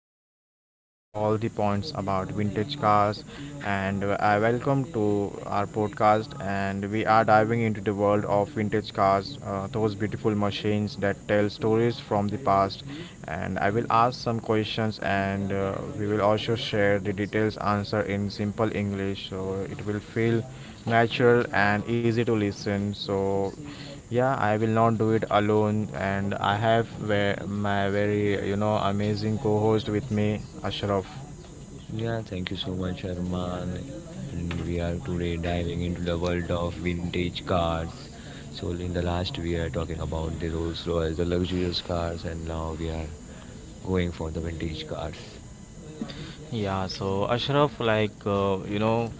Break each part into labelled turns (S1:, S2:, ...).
S1: podcast, we will cover all the points about vintage cars, and I welcome to our podcast. And we are diving into the world of vintage cars, those beautiful machines that tell stories from the past. And I will ask some questions, and we will also share the details answer in simple English, so it will feel natural and easy to listen. So, yeah, I will not do it alone. And I have my very, amazing co host with me, Ashraf.
S2: Yeah, thank you so much, Arman. And we are today diving into the world of vintage cars. So in the last we are talking about the Rolls Royce, the luxurious cars, and now we are going for the vintage cars.
S1: Yeah, so Ashraf, like,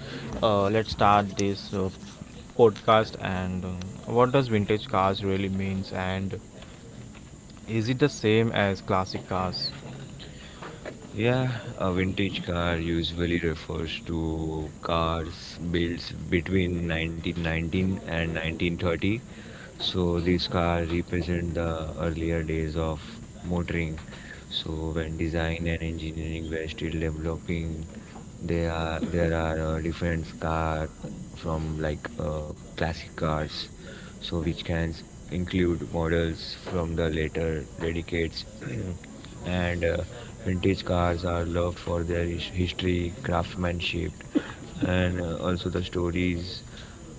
S1: let's start this podcast and what does vintage cars really means and is it the same as classic cars?
S2: Yeah, a vintage car usually refers to cars built between 1919 and 1930. So these cars represent the earlier days of motoring. So when design and engineering were still developing, there are different cars from like classic cars, so which include models from the later decades, and vintage cars are loved for their history, craftsmanship, and also the stories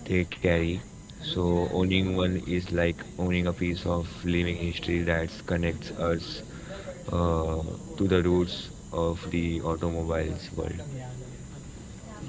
S2: they carry. So, owning one is like owning a piece of living history that connects us uh, to the roots of the automobiles world.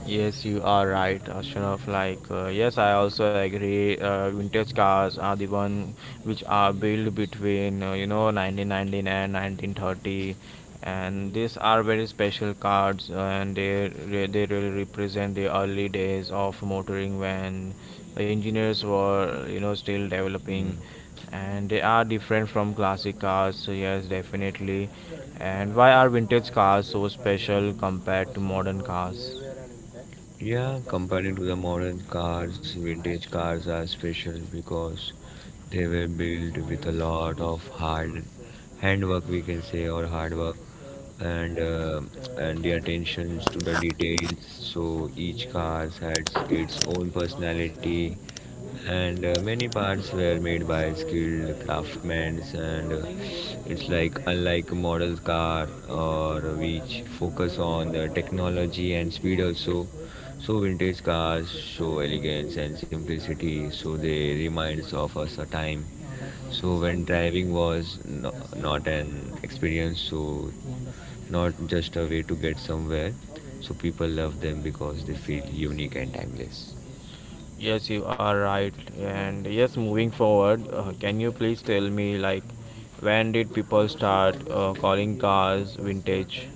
S1: Yes, you are right, Ashraf. Like, yes, I also agree. Vintage cars are the one which are built between 1919 and 1930, and these are very special cars, and they really represent the early days of motoring when the engineers were still developing,
S2: Mm.
S1: and they are different from classic cars. So yes, definitely. And why are vintage cars so special compared to modern cars?
S2: Yeah, comparing to the modern cars, vintage cars are special because they were built with a lot of hard handwork, we can say, or hard work, and uh, and the attentions to the details. So each car has its own personality and many parts were made by skilled craftsmen and it's like unlike a model car or which focus on the technology and speed also. So vintage cars show elegance and simplicity, so they reminds of us a time, so when driving was no, not an experience, so not just a way to get somewhere. So people love them because they feel unique and timeless.
S1: Yes, you are right. And yes, moving forward, can you please tell me like when did people start calling cars vintage?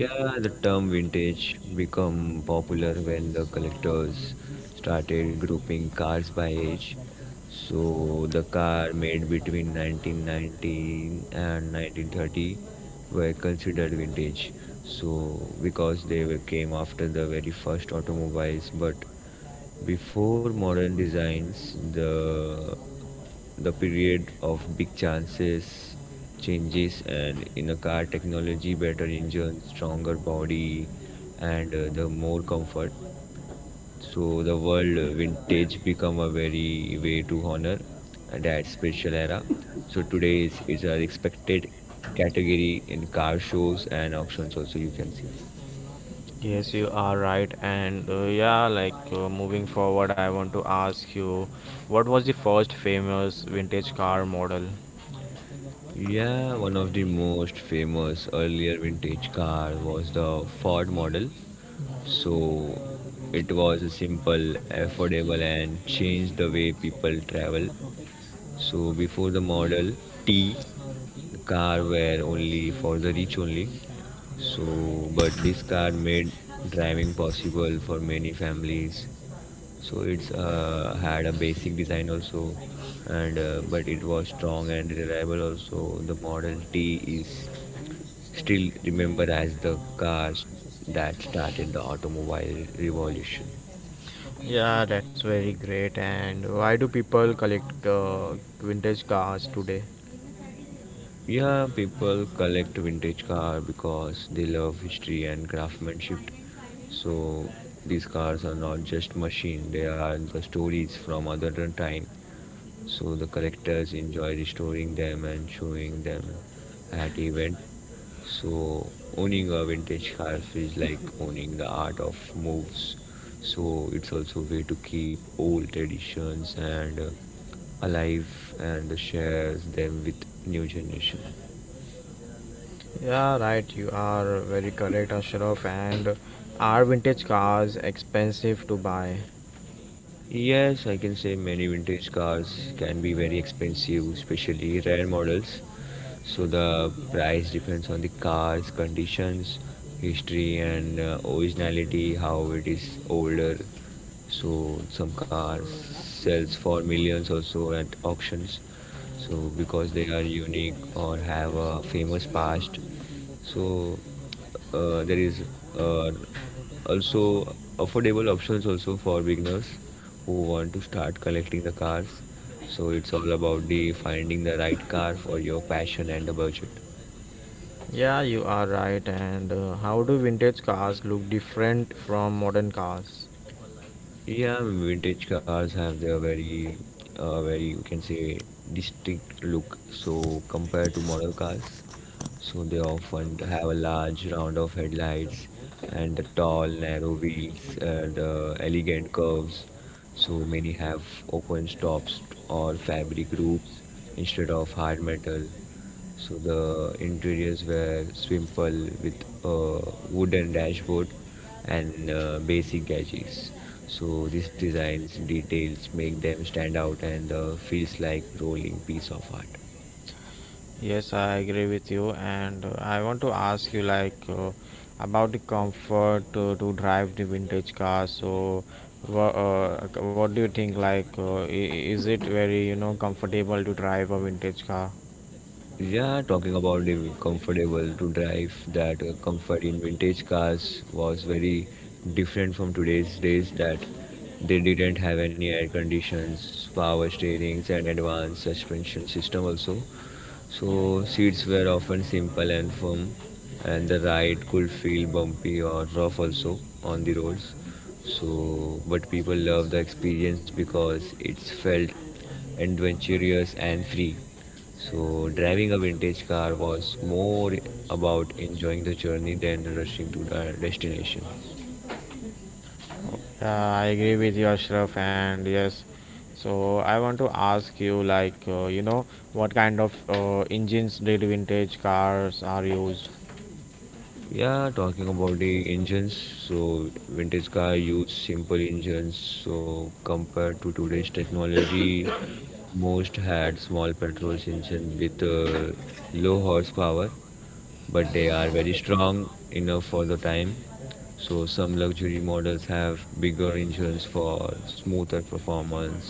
S2: Yeah, the term vintage become popular when the collectors started grouping cars by age. So the car made between 1919 and 1930 were considered vintage. So because they were, came after the very first automobiles, but before modern designs, the period of big chances, changes, and in a car technology, better engine, stronger body, and the more comfort. So the world vintage become a very way to honor that special era. So today it's an expected category in car shows and auctions. Also, you can see.
S1: Yes, you are right. And yeah, like moving forward, I want to ask you what was the first famous vintage car model?
S2: Yeah, one of the most famous earlier vintage car was the Ford model. So it was a simple, affordable and changed the way people travel. So before the model T, the car were only for the rich only. So but this car made driving possible for many families. So it's had a basic design also, and but it was strong and reliable also. The model t is still remembered as the car that started the automobile revolution.
S1: Yeah, that's very great. And why do people collect vintage cars today?
S2: Yeah, people collect vintage car because they love history and craftsmanship. So these cars are not just machine, they are the stories from other than time. So the collectors enjoy restoring them and showing them at event. So owning a vintage car is like owning the art of moves. So it's also a way to keep old traditions and alive and shares them with new generation.
S1: Yeah, right. You are very correct, Ashraf. And are vintage cars expensive to buy?
S2: Yes, I can say many vintage cars can be very expensive, especially rare models. So the price depends on the car's conditions, history, and originality, how it is older. So some cars sells for millions also at auctions. So because they are unique or have a famous past. So there is uh, also affordable options also for beginners who want to start collecting the cars. So it's all about the finding the right car for your passion and the budget.
S1: Yeah, you are right. And how do vintage cars look different from modern cars?
S2: Yeah, vintage cars have their very we can say distinct look. So compared to model cars, so they often have a large round of headlights and the tall, narrow wheels and elegant curves. So many have open stops or fabric roofs instead of hard metal. So the interiors were simple with a wooden dashboard and basic gadgets. So these designs details make them stand out and feels like rolling piece of art.
S1: Yes, I agree with you, and I want to ask you like about the comfort to drive the vintage car. So, what do you think? Like, is it very comfortable to drive a vintage car?
S2: Yeah, talking about the comfortable to drive, that comfort in vintage cars was very different from today's days that they didn't have any air conditions, power steerings, and advanced suspension system also. So seats were often simple and firm, and the ride could feel bumpy or rough also on the roads. So, but people loved the experience because it felt adventurous and free. So, driving a vintage car was more about enjoying the journey than rushing to the destination.
S1: I agree with you, Ashraf, and yes. So I want to ask you, like, what kind of engines did vintage cars are used?
S2: Yeah, talking about the engines, so vintage car use simple engines. So compared to today's technology, most had small petrol engines with low horsepower, but they are very strong enough for the time. So some luxury models have bigger engines for smoother performance,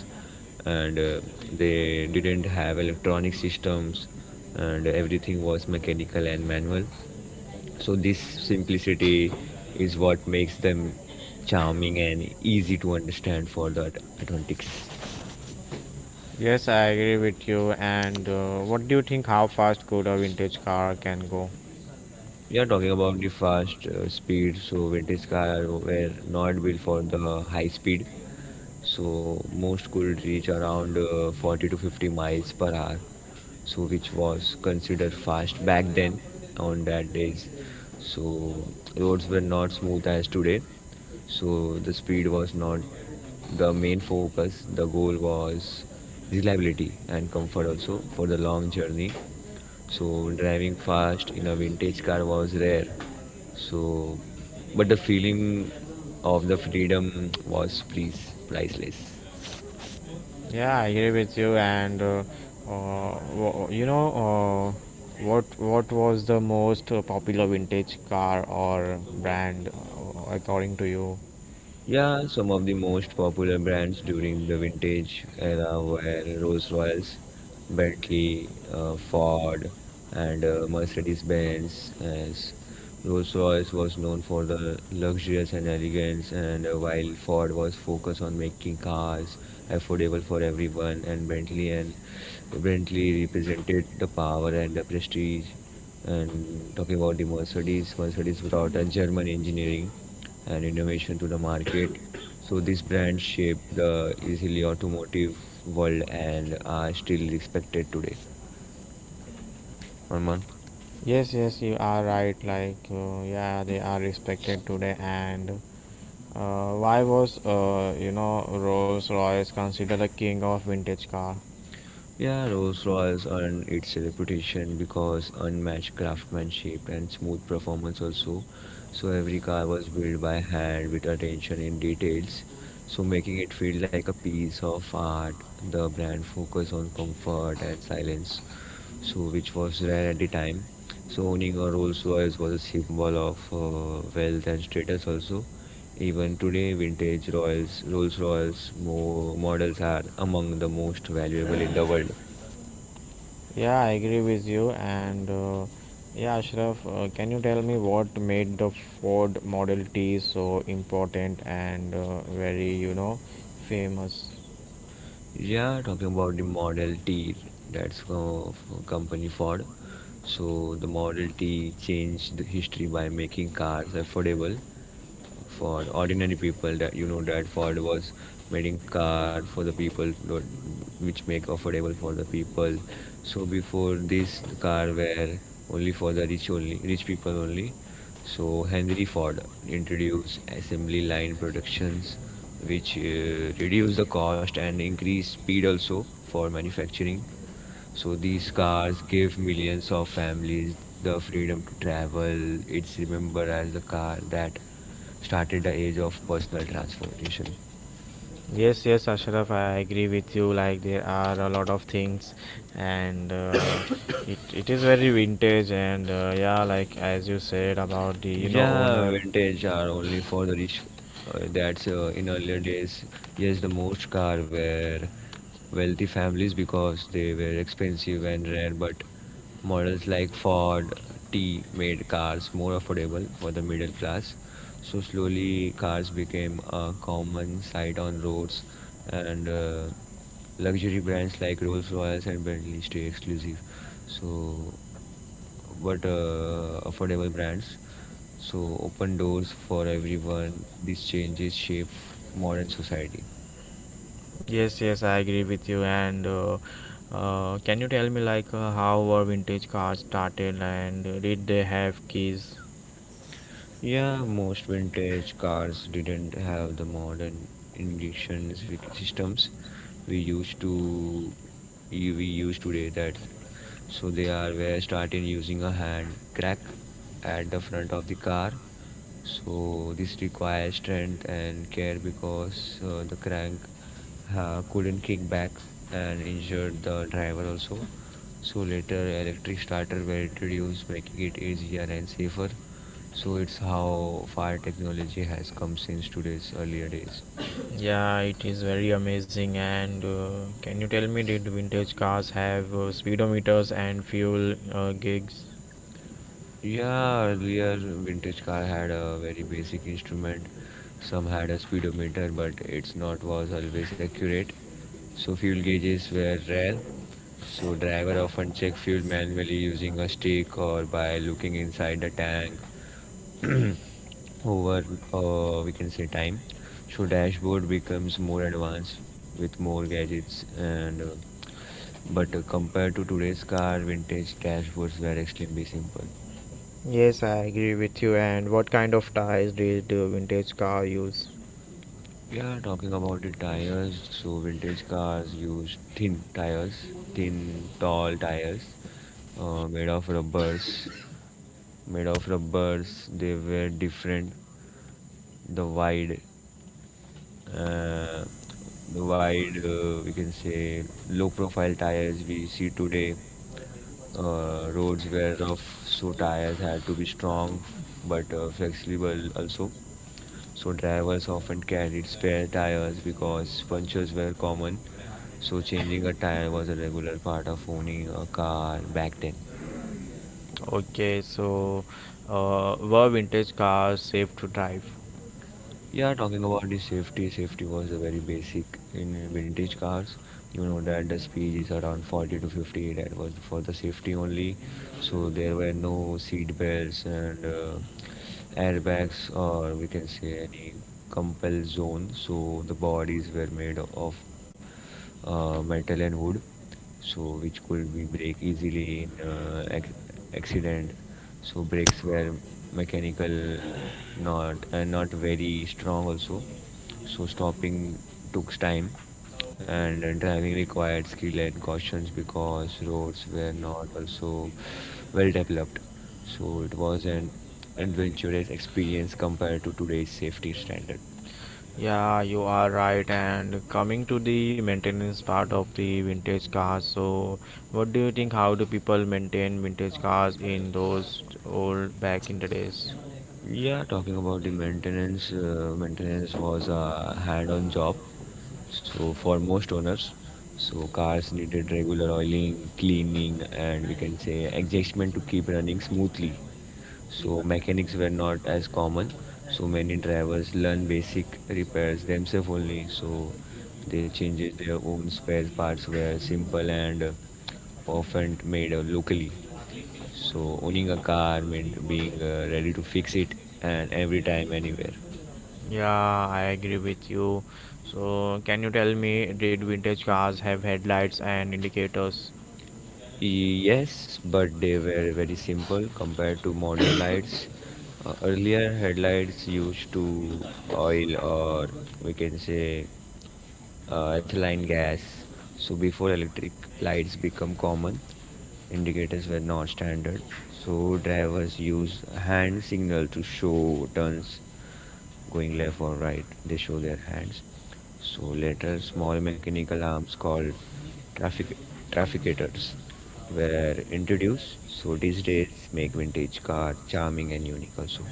S2: and they didn't have electronic systems, and everything was mechanical and manual. So this simplicity is what makes them charming and easy to understand for the Atlantics.
S1: Yes, I agree with you. And what do you think? How fast could a vintage car can go?
S2: We are talking about the fast speed, so vintage cars were not built for the high speed. So most could reach around 40 to 50 miles per hour, so which was considered fast back then on that days. So roads were not smooth as today, so the speed was not the main focus. The goal was reliability and comfort also for the long journey. So driving fast in a vintage car was rare, so but the feeling of the freedom was please priceless.
S1: Yeah, I agree with you. And uh, wo- you know, uh, what was the most popular vintage car or brand according to you?
S2: Yeah, some of the most popular brands during the vintage era were Rolls-Royce, Bentley, Ford, and Mercedes-Benz. As Rolls-Royce was known for the luxurious and elegance, and while Ford was focused on making cars affordable for everyone, and Bentley represented the power and the prestige. And talking about the Mercedes, Mercedes brought a German engineering and innovation to the market. So this brand shaped the easily automotive world and are still respected today. Arman?
S1: Yes, yes, you are right. Like, yeah, they are respected today. And why was, Rolls Royce considered the king of vintage car?
S2: Yeah, Rolls-Royce earned its reputation because unmatched craftsmanship and smooth performance also. So every car was built by hand with attention in details, so making it feel like a piece of art. The brand focused on comfort and silence, so which was rare at the time. So owning a Rolls Royce was a symbol of wealth and status also. Even today, vintage Royals, Rolls Royce models are among the most valuable in the world.
S1: Yeah, I agree with you. And yeah, Ashraf, can you tell me what made the Ford Model T so important and very, famous?
S2: Yeah, talking about the Model T, that's company Ford. So the Model T changed the history by making cars affordable for ordinary people, that you know that Ford was making car for the people, which make affordable for the people. So before this the car were only for the rich, only rich people only. So Henry Ford introduced assembly line productions which reduce the cost and increase speed also for manufacturing. So these cars give millions of families the freedom to travel. It's remembered as the car that started the age of personal transportation.
S1: Yes, yes, Ashraf, I agree with you. Like there are a lot of things, and it is very vintage. And yeah, like as you said about the
S2: Yeah,
S1: owner.
S2: vintage are only for the rich. That's in earlier days. Yes, the most car were wealthy families because they were expensive and rare, but models like Ford T made cars more affordable for the middle class. So slowly, cars became a common sight on roads, and luxury brands like Rolls Royce and Bentley stay exclusive. So, but affordable brands so open doors for everyone. These changes shape modern society.
S1: Yes, yes, I agree with you. And can you tell me like how were vintage cars started and did they have keys?
S2: Yeah, most vintage cars didn't have the modern ignition systems we used to we use today. That so they are were starting using a hand crank at the front of the car, so this requires strength and care because the crank couldn't kick back and injured the driver also. So later electric starter were introduced, making it easier and safer. So it's how far technology has come since today's earlier days.
S1: Yeah, it is very amazing. And can you tell me did vintage cars have speedometers and fuel gigs?
S2: Yeah, earlier vintage car had a very basic instrument. Some had a speedometer, but its not was always accurate. So fuel gauges were rare. So driver often check fuel manually using a stick or by looking inside the tank. Over we can say time, so dashboard becomes more advanced with more gadgets and but compared to today's car, vintage dashboards were extremely simple.
S1: Yes, I agree with you. And what kind of tires did the vintage car use?
S2: We are talking about the tires. So, vintage cars use thin tires, thin, tall tires made of rubbers. Made of rubbers, they were different. The wide, uh, the wide, we can say, low profile tires we see today. Roads were rough, so tires had to be strong but flexible also. So drivers often carried spare tires because punctures were common. So changing a tire was a regular part of owning a car back then.
S1: Okay, so were vintage cars safe to drive?
S2: Yeah, talking about the safety, safety was a very basic in vintage cars. You know that the speed is around 40 to 50. That was for the safety only. So there were no seat belts and airbags, or we can say any compel zone. So the bodies were made of metal and wood, so which could be break easily in accident. So brakes were mechanical, not and not very strong also. So stopping took time, and driving required skill and cautions because roads were not also well developed. So it was an adventurous experience compared to today's safety standard.
S1: Yeah, you are right. And coming to the maintenance part of the vintage cars, so what do you think? How do people maintain vintage cars in those old back in the days?
S2: Yeah, talking about the maintenance, maintenance was a hand-on job. So for most owners, so cars needed regular oiling, cleaning, and we can say adjustment to keep running smoothly. So mechanics were not as common. So many drivers learn basic repairs themselves only. So they changes their own spare parts were simple and often made locally. So owning a car meant being ready to fix it and every time, anywhere.
S1: Yeah, I agree with you. So, can you tell me, did vintage cars have headlights and indicators?
S2: Yes, but they were very simple compared to modern lights. Earlier headlights used to oil or we can say ethylene gas. So before electric lights become common, indicators were not standard. So drivers use hand signal to show turns going left or right. They show their hands. So later, small mechanical arms called traffic trafficators were introduced. So these days, make vintage car charming and unique also.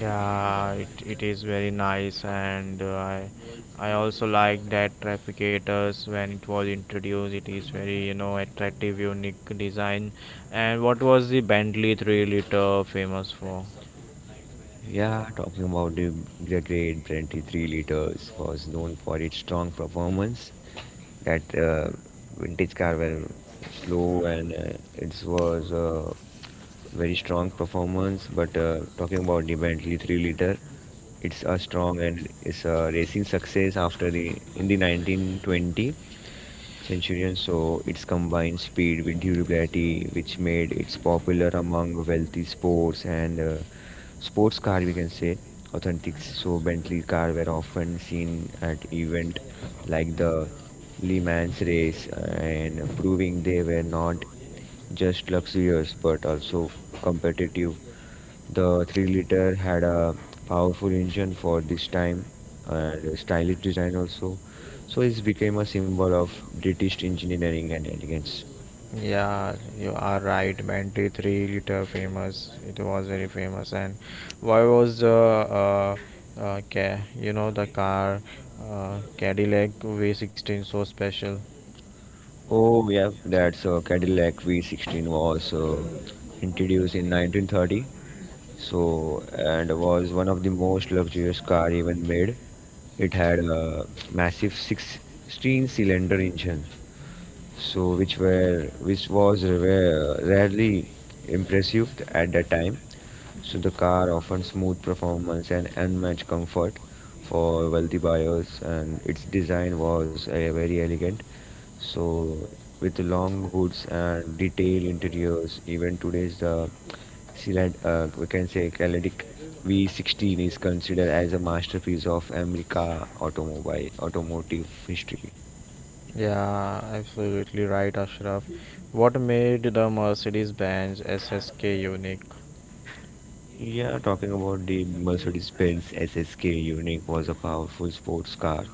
S1: Yeah, it is very nice, and I also like that Trafficators when it was introduced. It is very attractive, unique design. And what was the Bentley 3 liter famous for?
S2: Yeah, talking about the great Brenti 3 liters was known for its strong performance. That vintage car were slow and it was a very strong performance. But talking about the Bentley 3 liter, it's a strong and it's a racing success after the in the 1920 centurion. So it's combined speed with durability, which made it popular among wealthy sports and sports car. We can say authentic. So Bentley car were often seen at event like the Le Mans race, and proving they were not just luxurious but also competitive. The 3-liter had a powerful engine for this time and a stylish design also. So it became a symbol of British engineering and elegance.
S1: Yeah, you are right. Bentley 3 liter famous. It was very famous. And why was the uh, ca- you know the car Cadillac V 16 so special?
S2: Oh yeah, that's Cadillac V16 was introduced in 1930. So and was one of the most luxurious car even made. It had a massive 16-cylinder engine, so which were which was rare, rarely impressive at that time. So the car offers smooth performance and unmatched comfort for wealthy buyers, and its design was very elegant. So with long hoods and detailed interiors, even today's we can say Cadillac V16 is considered as a masterpiece of America automobile automotive history.
S1: Yeah, absolutely right, Ashraf. What made the Mercedes-Benz SSK unique?
S2: Yeah, talking about the Mercedes-Benz SSK Unique was a powerful sports car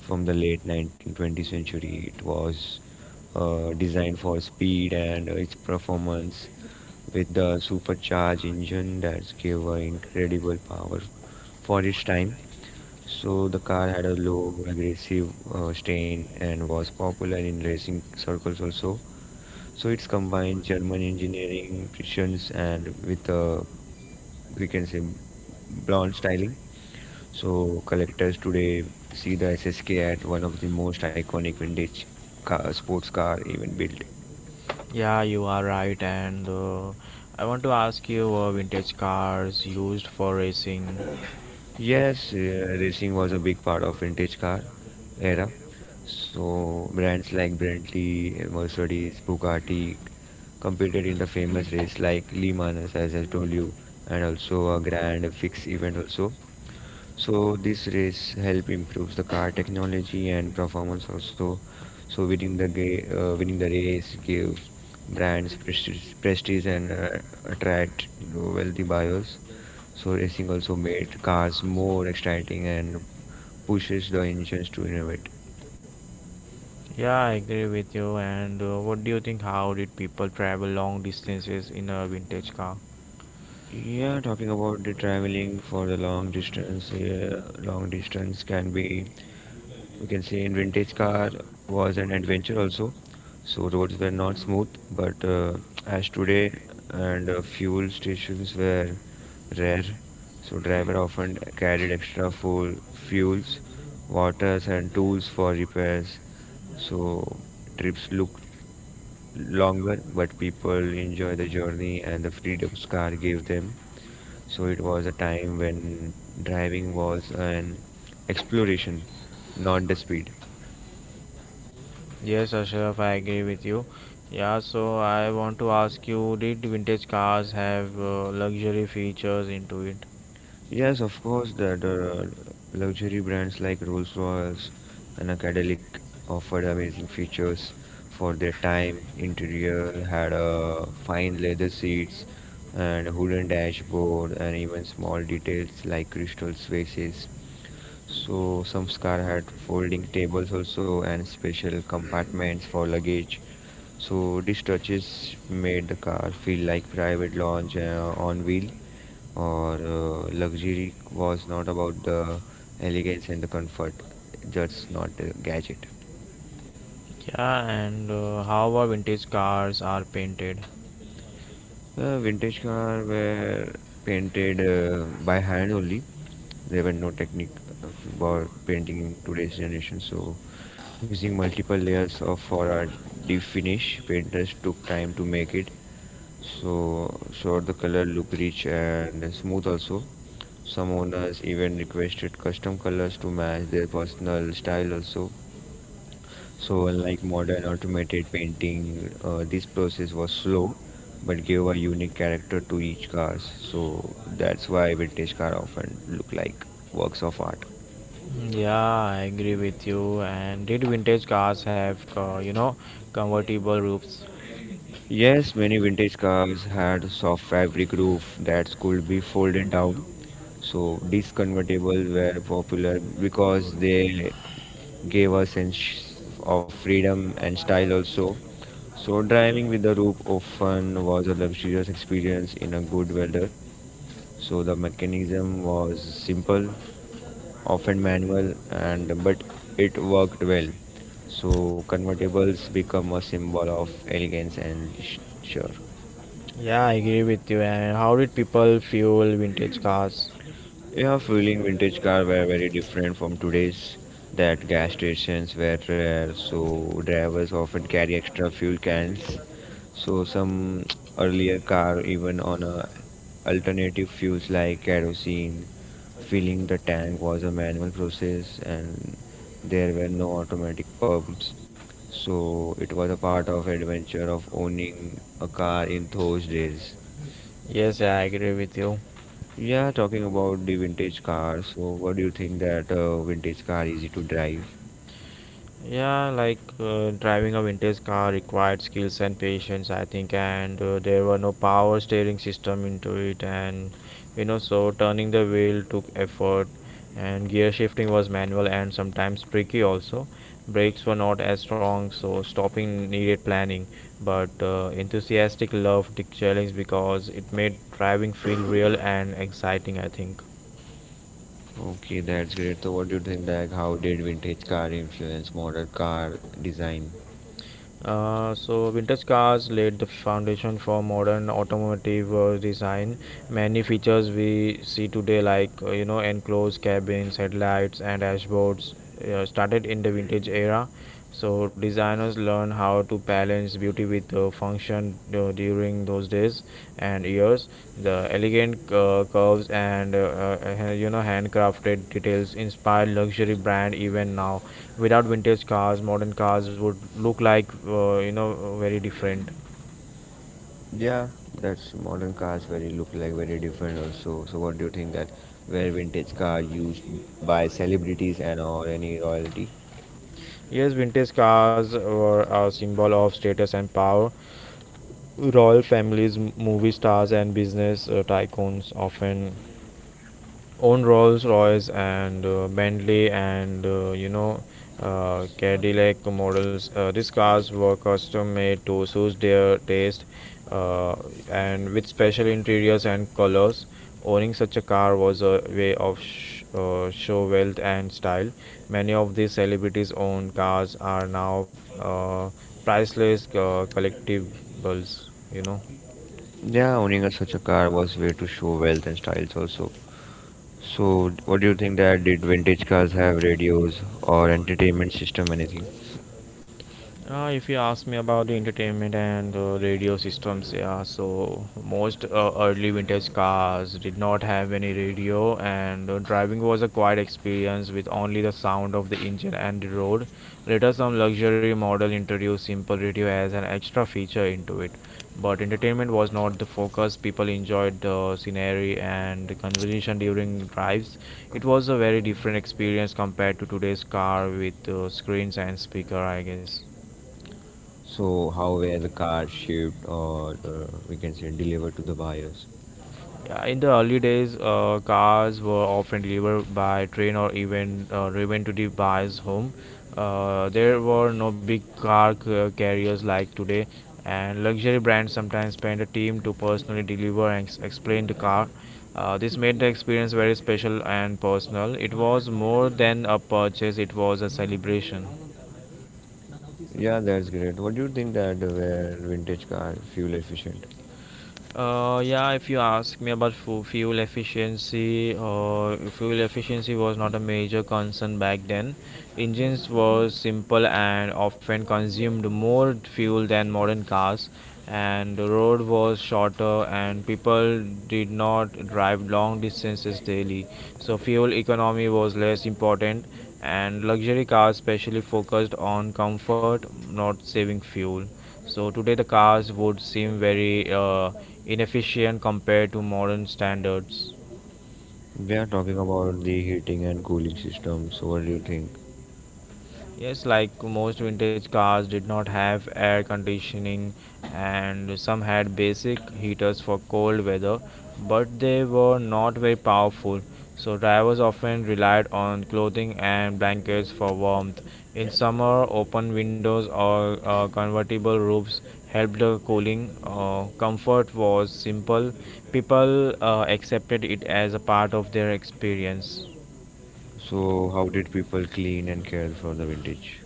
S2: from the late 1920th century. It was designed for speed and its performance with the supercharged engine that gave her incredible power for its time. So the car had a low aggressive strain and was popular in racing circles also. So it's combined German engineering precisions and with we can say blonde styling. So collectors today see the SSK at one of the most iconic sports car even built.
S1: Yeah, you are right. And I want to ask you vintage cars used for racing.
S2: Yes, racing was a big part of vintage car era. So brands like Bentley, Mercedes, Bugatti competed in the famous race like Le Mans, as I told you, and also a Grand Fix event also. So this race help improves the car technology and performance also. So winning winning the race gives brands prestige and attract wealthy buyers. So racing also made cars more exciting and pushes the engines to innovate.
S1: Yeah, I agree with you. And what do you think? How did people travel long distances in a vintage car?
S2: Yeah, talking about the traveling for the long distance can be, we can say, in vintage car was an adventure also. So roads were not smooth, but as today and fuel stations were rare, so driver often carried extra fuels, waters and tools for repairs. So trips looked longer, but people enjoy the journey and the freedom car gave them. So it was a time when driving was an exploration, not the speed.
S1: Yes, Ashraf, I agree with you. Yeah, so I want to ask you, did vintage cars have luxury features into it?
S2: Yes, of course, that luxury brands like Rolls-Royce and Cadillac offered amazing features for their time. Interior had fine leather seats and wooden dashboard and even small details like crystal faces. So some car had folding tables also and special compartments for luggage. So these touches made the car feel like private lounge on wheel or luxury was not about the elegance and the comfort, just not a gadget.
S1: Yeah, and how our vintage cars are painted.
S2: Vintage car were painted by hand only. There were no technique for painting in today's generation. So, using multiple layers of for a deep finish, painters took time to make it. So the color look rich and smooth also. Some owners even requested custom colors to match their personal style also. So, unlike modern automated painting, this process was slow but gave a unique character to each cars. So, that's why vintage car often look like works of art.
S1: Yeah, I agree with you. And did vintage cars have, convertible roofs?
S2: Yes, many vintage cars had soft fabric roof that could be folded down. So, these convertibles were popular because they gave a sense of freedom and style also. So, driving with the roof often was a luxurious experience in a good weather. So the mechanism was simple, often manual, and but it worked well. So convertibles become a symbol of elegance and sure.
S1: Yeah, I agree with you. And how did people fuel vintage cars?
S2: Yeah, fueling vintage car were very different from today's that gas stations were rare, so drivers often carry extra fuel cans. So some earlier car even on a alternative fuels like kerosene, filling the tank was a manual process and there were no automatic pumps. So it was a part of adventure of owning a car in those days.
S1: Yes, I agree with you.
S2: Yeah, talking about the vintage car. So, what do you think that vintage car easy to drive?
S1: Yeah, like driving a vintage car required skills and patience, I think, and there were no power steering system into it, and so turning the wheel took effort, and gear shifting was manual and sometimes tricky also. Brakes were not as strong, so stopping needed planning. But enthusiastic loved the challenge because it made driving feel real and exciting, I think.
S2: Okay, that's great. So, what do you think like how did vintage car influence modern car design?
S1: So vintage cars laid the foundation for modern automotive design. Many features we see today, like enclosed cabins, headlights, and dashboards, started in the vintage era. So designers learn how to balance beauty with function during those days and years. The elegant curves and handcrafted details inspire luxury brand even now. Without vintage cars, modern cars would look like very different.
S2: Yeah, that's modern cars very look like very different also. So what do you think that where vintage car used by celebrities and or any royalty?
S1: Yes, vintage cars were a symbol of status and power. Royal families, movie stars and business tycoons often own Rolls Royce and Bentley and Cadillac models. These cars were custom made to suit their taste uh, and with special interiors and colors. Owning such a car was a way of show wealth and style. Many of these celebrities' owned cars are now priceless collectibles.
S2: Yeah, owning a, such a car was way to show wealth and styles also. So, what do you think that did vintage cars have radios or entertainment system, anything?
S1: If you ask me about the entertainment and radio systems, yeah, so most early vintage cars did not have any radio, and driving was a quiet experience with only the sound of the engine and the road. Later, some luxury model introduced simple radio as an extra feature into it, but entertainment was not the focus. People enjoyed the scenery and the conversation during drives. It was a very different experience compared to today's car with screens and speaker, I guess.
S2: So, how were the cars shipped or we can say delivered to the buyers?
S1: Yeah, in the early days, cars were often delivered by train or even driven to the buyer's home. There were no big car carriers like today, and luxury brands sometimes sent a team to personally deliver and explain the car. This made the experience very special and personal. It was more than a purchase, it was a celebration.
S2: Yeah, that's great. What do you think that were vintage cars fuel efficient?
S1: Yeah, if you ask me about fuel efficiency was not a major concern back then. Engines were simple and often consumed more fuel than modern cars, and the road was shorter, and people did not drive long distances daily. So, fuel economy was less important, and luxury cars specially focused on comfort, not saving fuel. So today the cars would seem very inefficient compared to modern standards.
S2: We are talking about the heating and cooling system. So, what do you think?
S1: Yes, like most vintage cars did not have air conditioning, and some had basic heaters for cold weather, but they were not very powerful. So, drivers often relied on clothing and blankets for warmth. In summer, open windows or convertible roofs helped the cooling. Comfort was simple, people accepted it as a part of their experience.
S2: So, how did people clean and care for the vintage?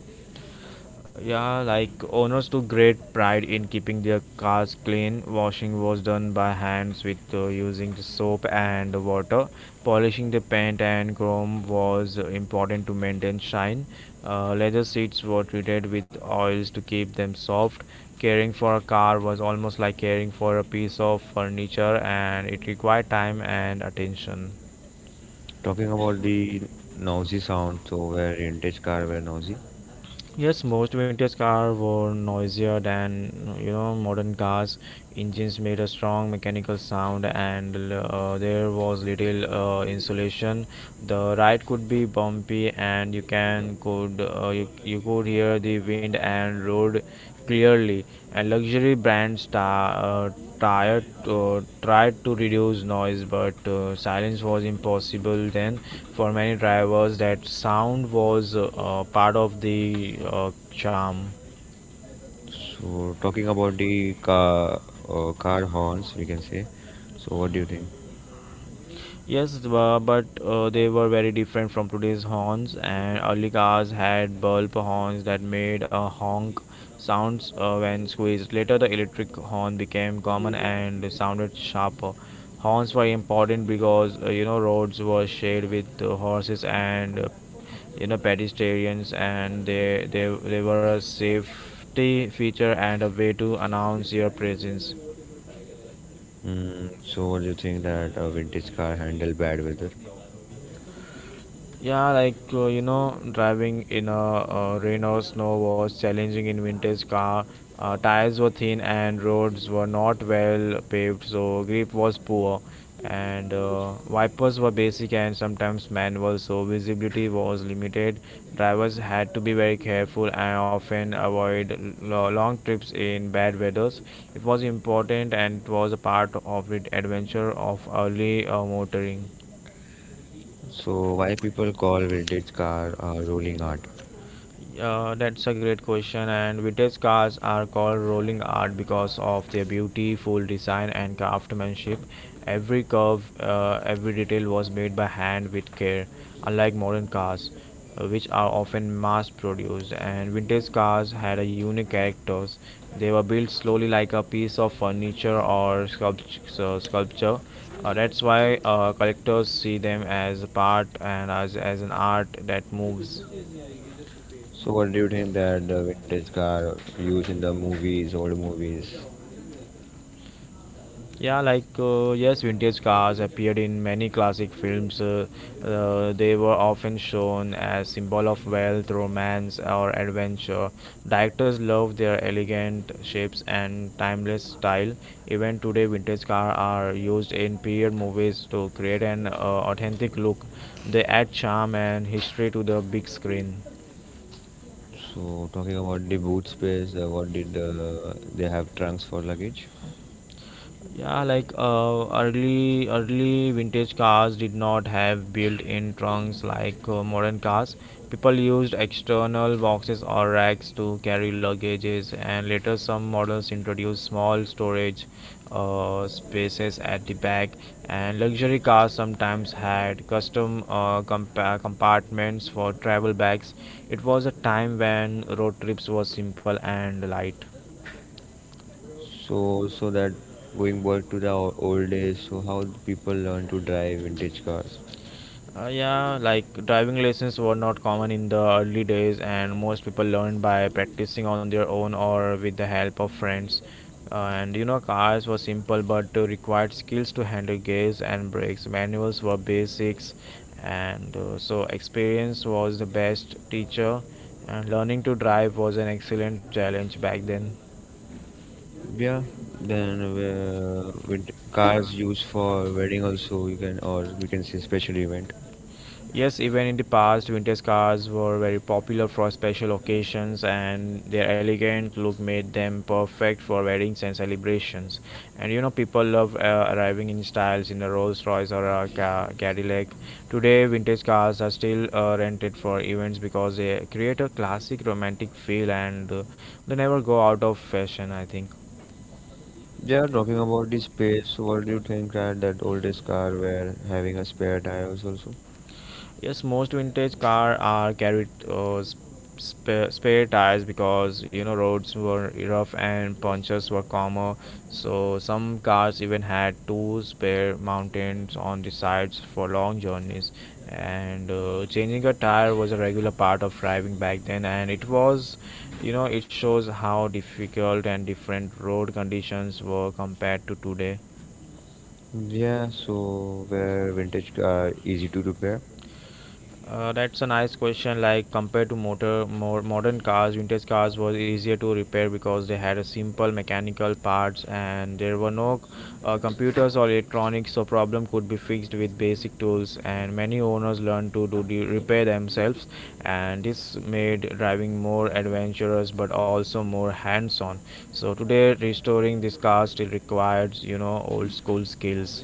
S1: Yeah, like owners took great pride in keeping their cars clean. Washing was done by hands with using the soap and water. Polishing the paint and chrome was important to maintain shine. Leather seats were treated with oils to keep them soft. Caring for a car was almost like caring for a piece of furniture, and it required time and attention.
S2: Talking about the noisy sound, so where vintage car were noisy.
S1: Yes, most vintage cars were noisier than modern cars. Engines made a strong mechanical sound, and there was little insulation. The ride could be bumpy, and you could hear the wind and road clearly. And luxury brands ta- tired tried to reduce noise, but silence was impossible then. For many drivers, that sound was part of the charm.
S2: So talking about the car horns, we can say. So what do you think?
S1: Yes, but they were very different from today's horns, and early cars had bulb horns that made a honk sounds when squeezed. Later, the electric horn became common and sounded sharper. Horns were important because roads were shared with horses and pedestrians, and they were a safety feature and a way to announce your presence.
S2: Mm, so what do you think that a vintage car handle bad weather?
S1: Yeah, driving in a rain or snow was challenging in vintage car. Tires were thin and roads were not well paved, so grip was poor, and wipers were basic and sometimes manual, so visibility was limited. Drivers had to be very careful and often avoid long trips in bad weathers. It was important and it was a part of the adventure of early motoring.
S2: So why people call vintage car a rolling art?
S1: Yeah, that's a great question. And vintage cars are called rolling art because of their beautiful design and craftsmanship. Every curve, every detail was made by hand with care, unlike modern cars, which are often mass-produced. And vintage cars had a unique characters. They were built slowly, like a piece of furniture or sculpture. That's why collectors see them as a part and as an art that moves.
S2: So what do you think that the vintage car used in the movies, old movies?
S1: Yeah, yes, vintage cars appeared in many classic films. They were often shown as symbol of wealth, romance, or adventure. Directors loved their elegant shapes and timeless style. Even today, vintage cars are used in period movies to create an authentic look. They add charm and history to the big screen.
S2: So talking about the boot space, what did they have trunks for luggage?
S1: Yeah, early vintage cars did not have built-in trunks like modern cars. People used external boxes or racks to carry luggages, and later some models introduced small storage spaces at the back. And luxury cars sometimes had custom compartments for travel bags. It was a time when road trips were simple and light.
S2: That going back to the old days, so how the people learn to drive vintage cars?
S1: Driving lessons were not common in the early days, and most people learned by practicing on their own or with the help of friends. Cars were simple but required skills to handle gears and brakes. Manuals were basics, and so experience was the best teacher, and learning to drive was an excellent challenge back then.
S2: Yeah, then cars used for wedding also you can or we can say special event.
S1: Yes, even in the past, vintage cars were very popular for special occasions, and their elegant look made them perfect for weddings and celebrations. And you know, people love arriving in styles in a Rolls Royce or a Cadillac. Today, vintage cars are still rented for events because they create a classic romantic feel and they never go out of fashion, I think.
S2: Yeah, talking about the space, so what do you think that oldest car were having a spare tires also?
S1: Yes, most vintage car are carried spare tires because you know roads were rough and punctures were common. So some cars even had two spare mountains on the sides for long journeys. And changing a tire was a regular part of driving back then, and it was, you know, it shows how difficult and different road conditions were compared to today.
S2: Yeah, so where vintage car easy to repair.
S1: That's a nice question. Like compared to motor more modern cars, vintage cars was easier to repair because they had a simple mechanical parts and there were no computers or electronics, so problem could be fixed with basic tools. And many owners learned to do the repair themselves, and this made driving more adventurous but also more hands-on. So today, restoring these cars still requires you know old school skills.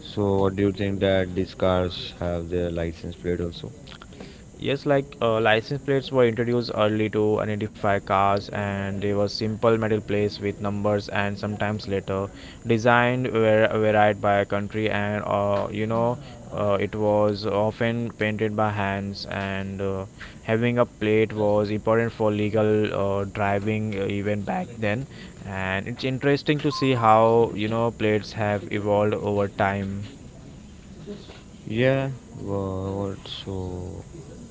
S2: So what do you think that these cars have their license plate also?
S1: Yes, license plates were introduced early to identify cars, and they were simple metal plates with numbers and sometimes letter. Designed were varied by country, and it was often painted by hands. And having a plate was important for legal driving even back then. And it's interesting to see how you know plates have evolved over time.
S2: Yeah, wha- what so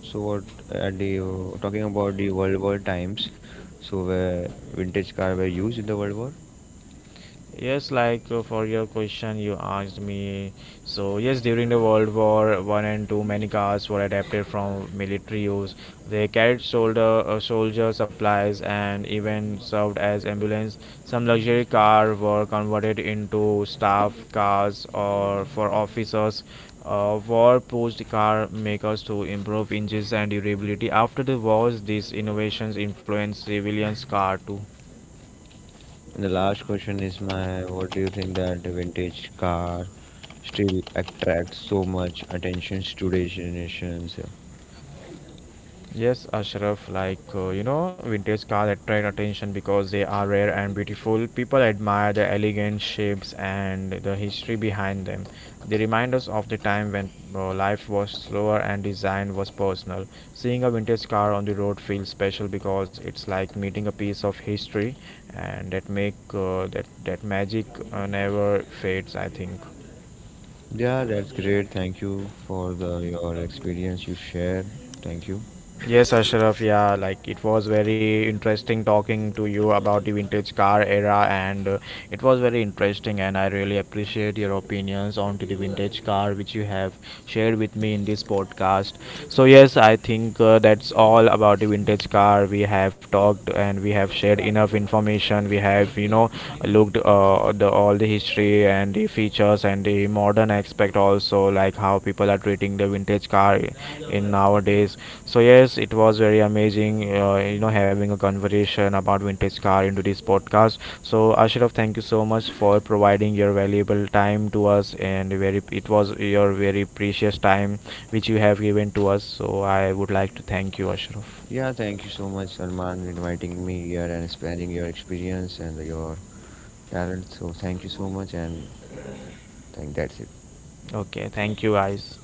S2: so what at the talking about the World War times, so where vintage car were used in the World War?
S1: Yes, for your question you asked me, so yes, during the World War One and Two, many cars were adapted from military use. They carried soldier supplies and even served as ambulance. Some luxury cars were converted into staff cars or for officers. War pushed car makers to improve engines and durability. After the wars, these innovations influenced civilians' car too.
S2: And the last question is my what do you think that the vintage car still attracts so much attention to today's generations?
S1: Yes, Ashraf, vintage cars attract attention because they are rare and beautiful. People admire the elegant shapes and the history behind them. They remind us of the time when life was slower and design was personal. Seeing a vintage car on the road feels special because it's like meeting a piece of history, and that that magic never fades, I think.
S2: Yeah, that's great. Thank you for the your experience you shared. Thank you.
S1: Yes, Ashraf, yeah, like it was very interesting talking to you about the vintage car era, and it was very interesting. And I really appreciate your opinions onto the vintage car which you have shared with me in this podcast. So, yes, I think that's all about the vintage car. We have talked and we have shared enough information. We have, you know, looked the all the history and the features and the modern aspect also, like how people are treating the vintage car in nowadays. So yes, it was very amazing you know having a conversation about vintage car into this podcast. So Ashraf, thank you so much for providing your valuable time to us and very it was your very precious time which you have given to us, so I would like to thank you Ashraf.
S2: Yeah, thank you so much, Salman, for inviting me here and sharing your experience and your talent. So thank you so much, and thank that's it.
S1: Okay, thank you guys.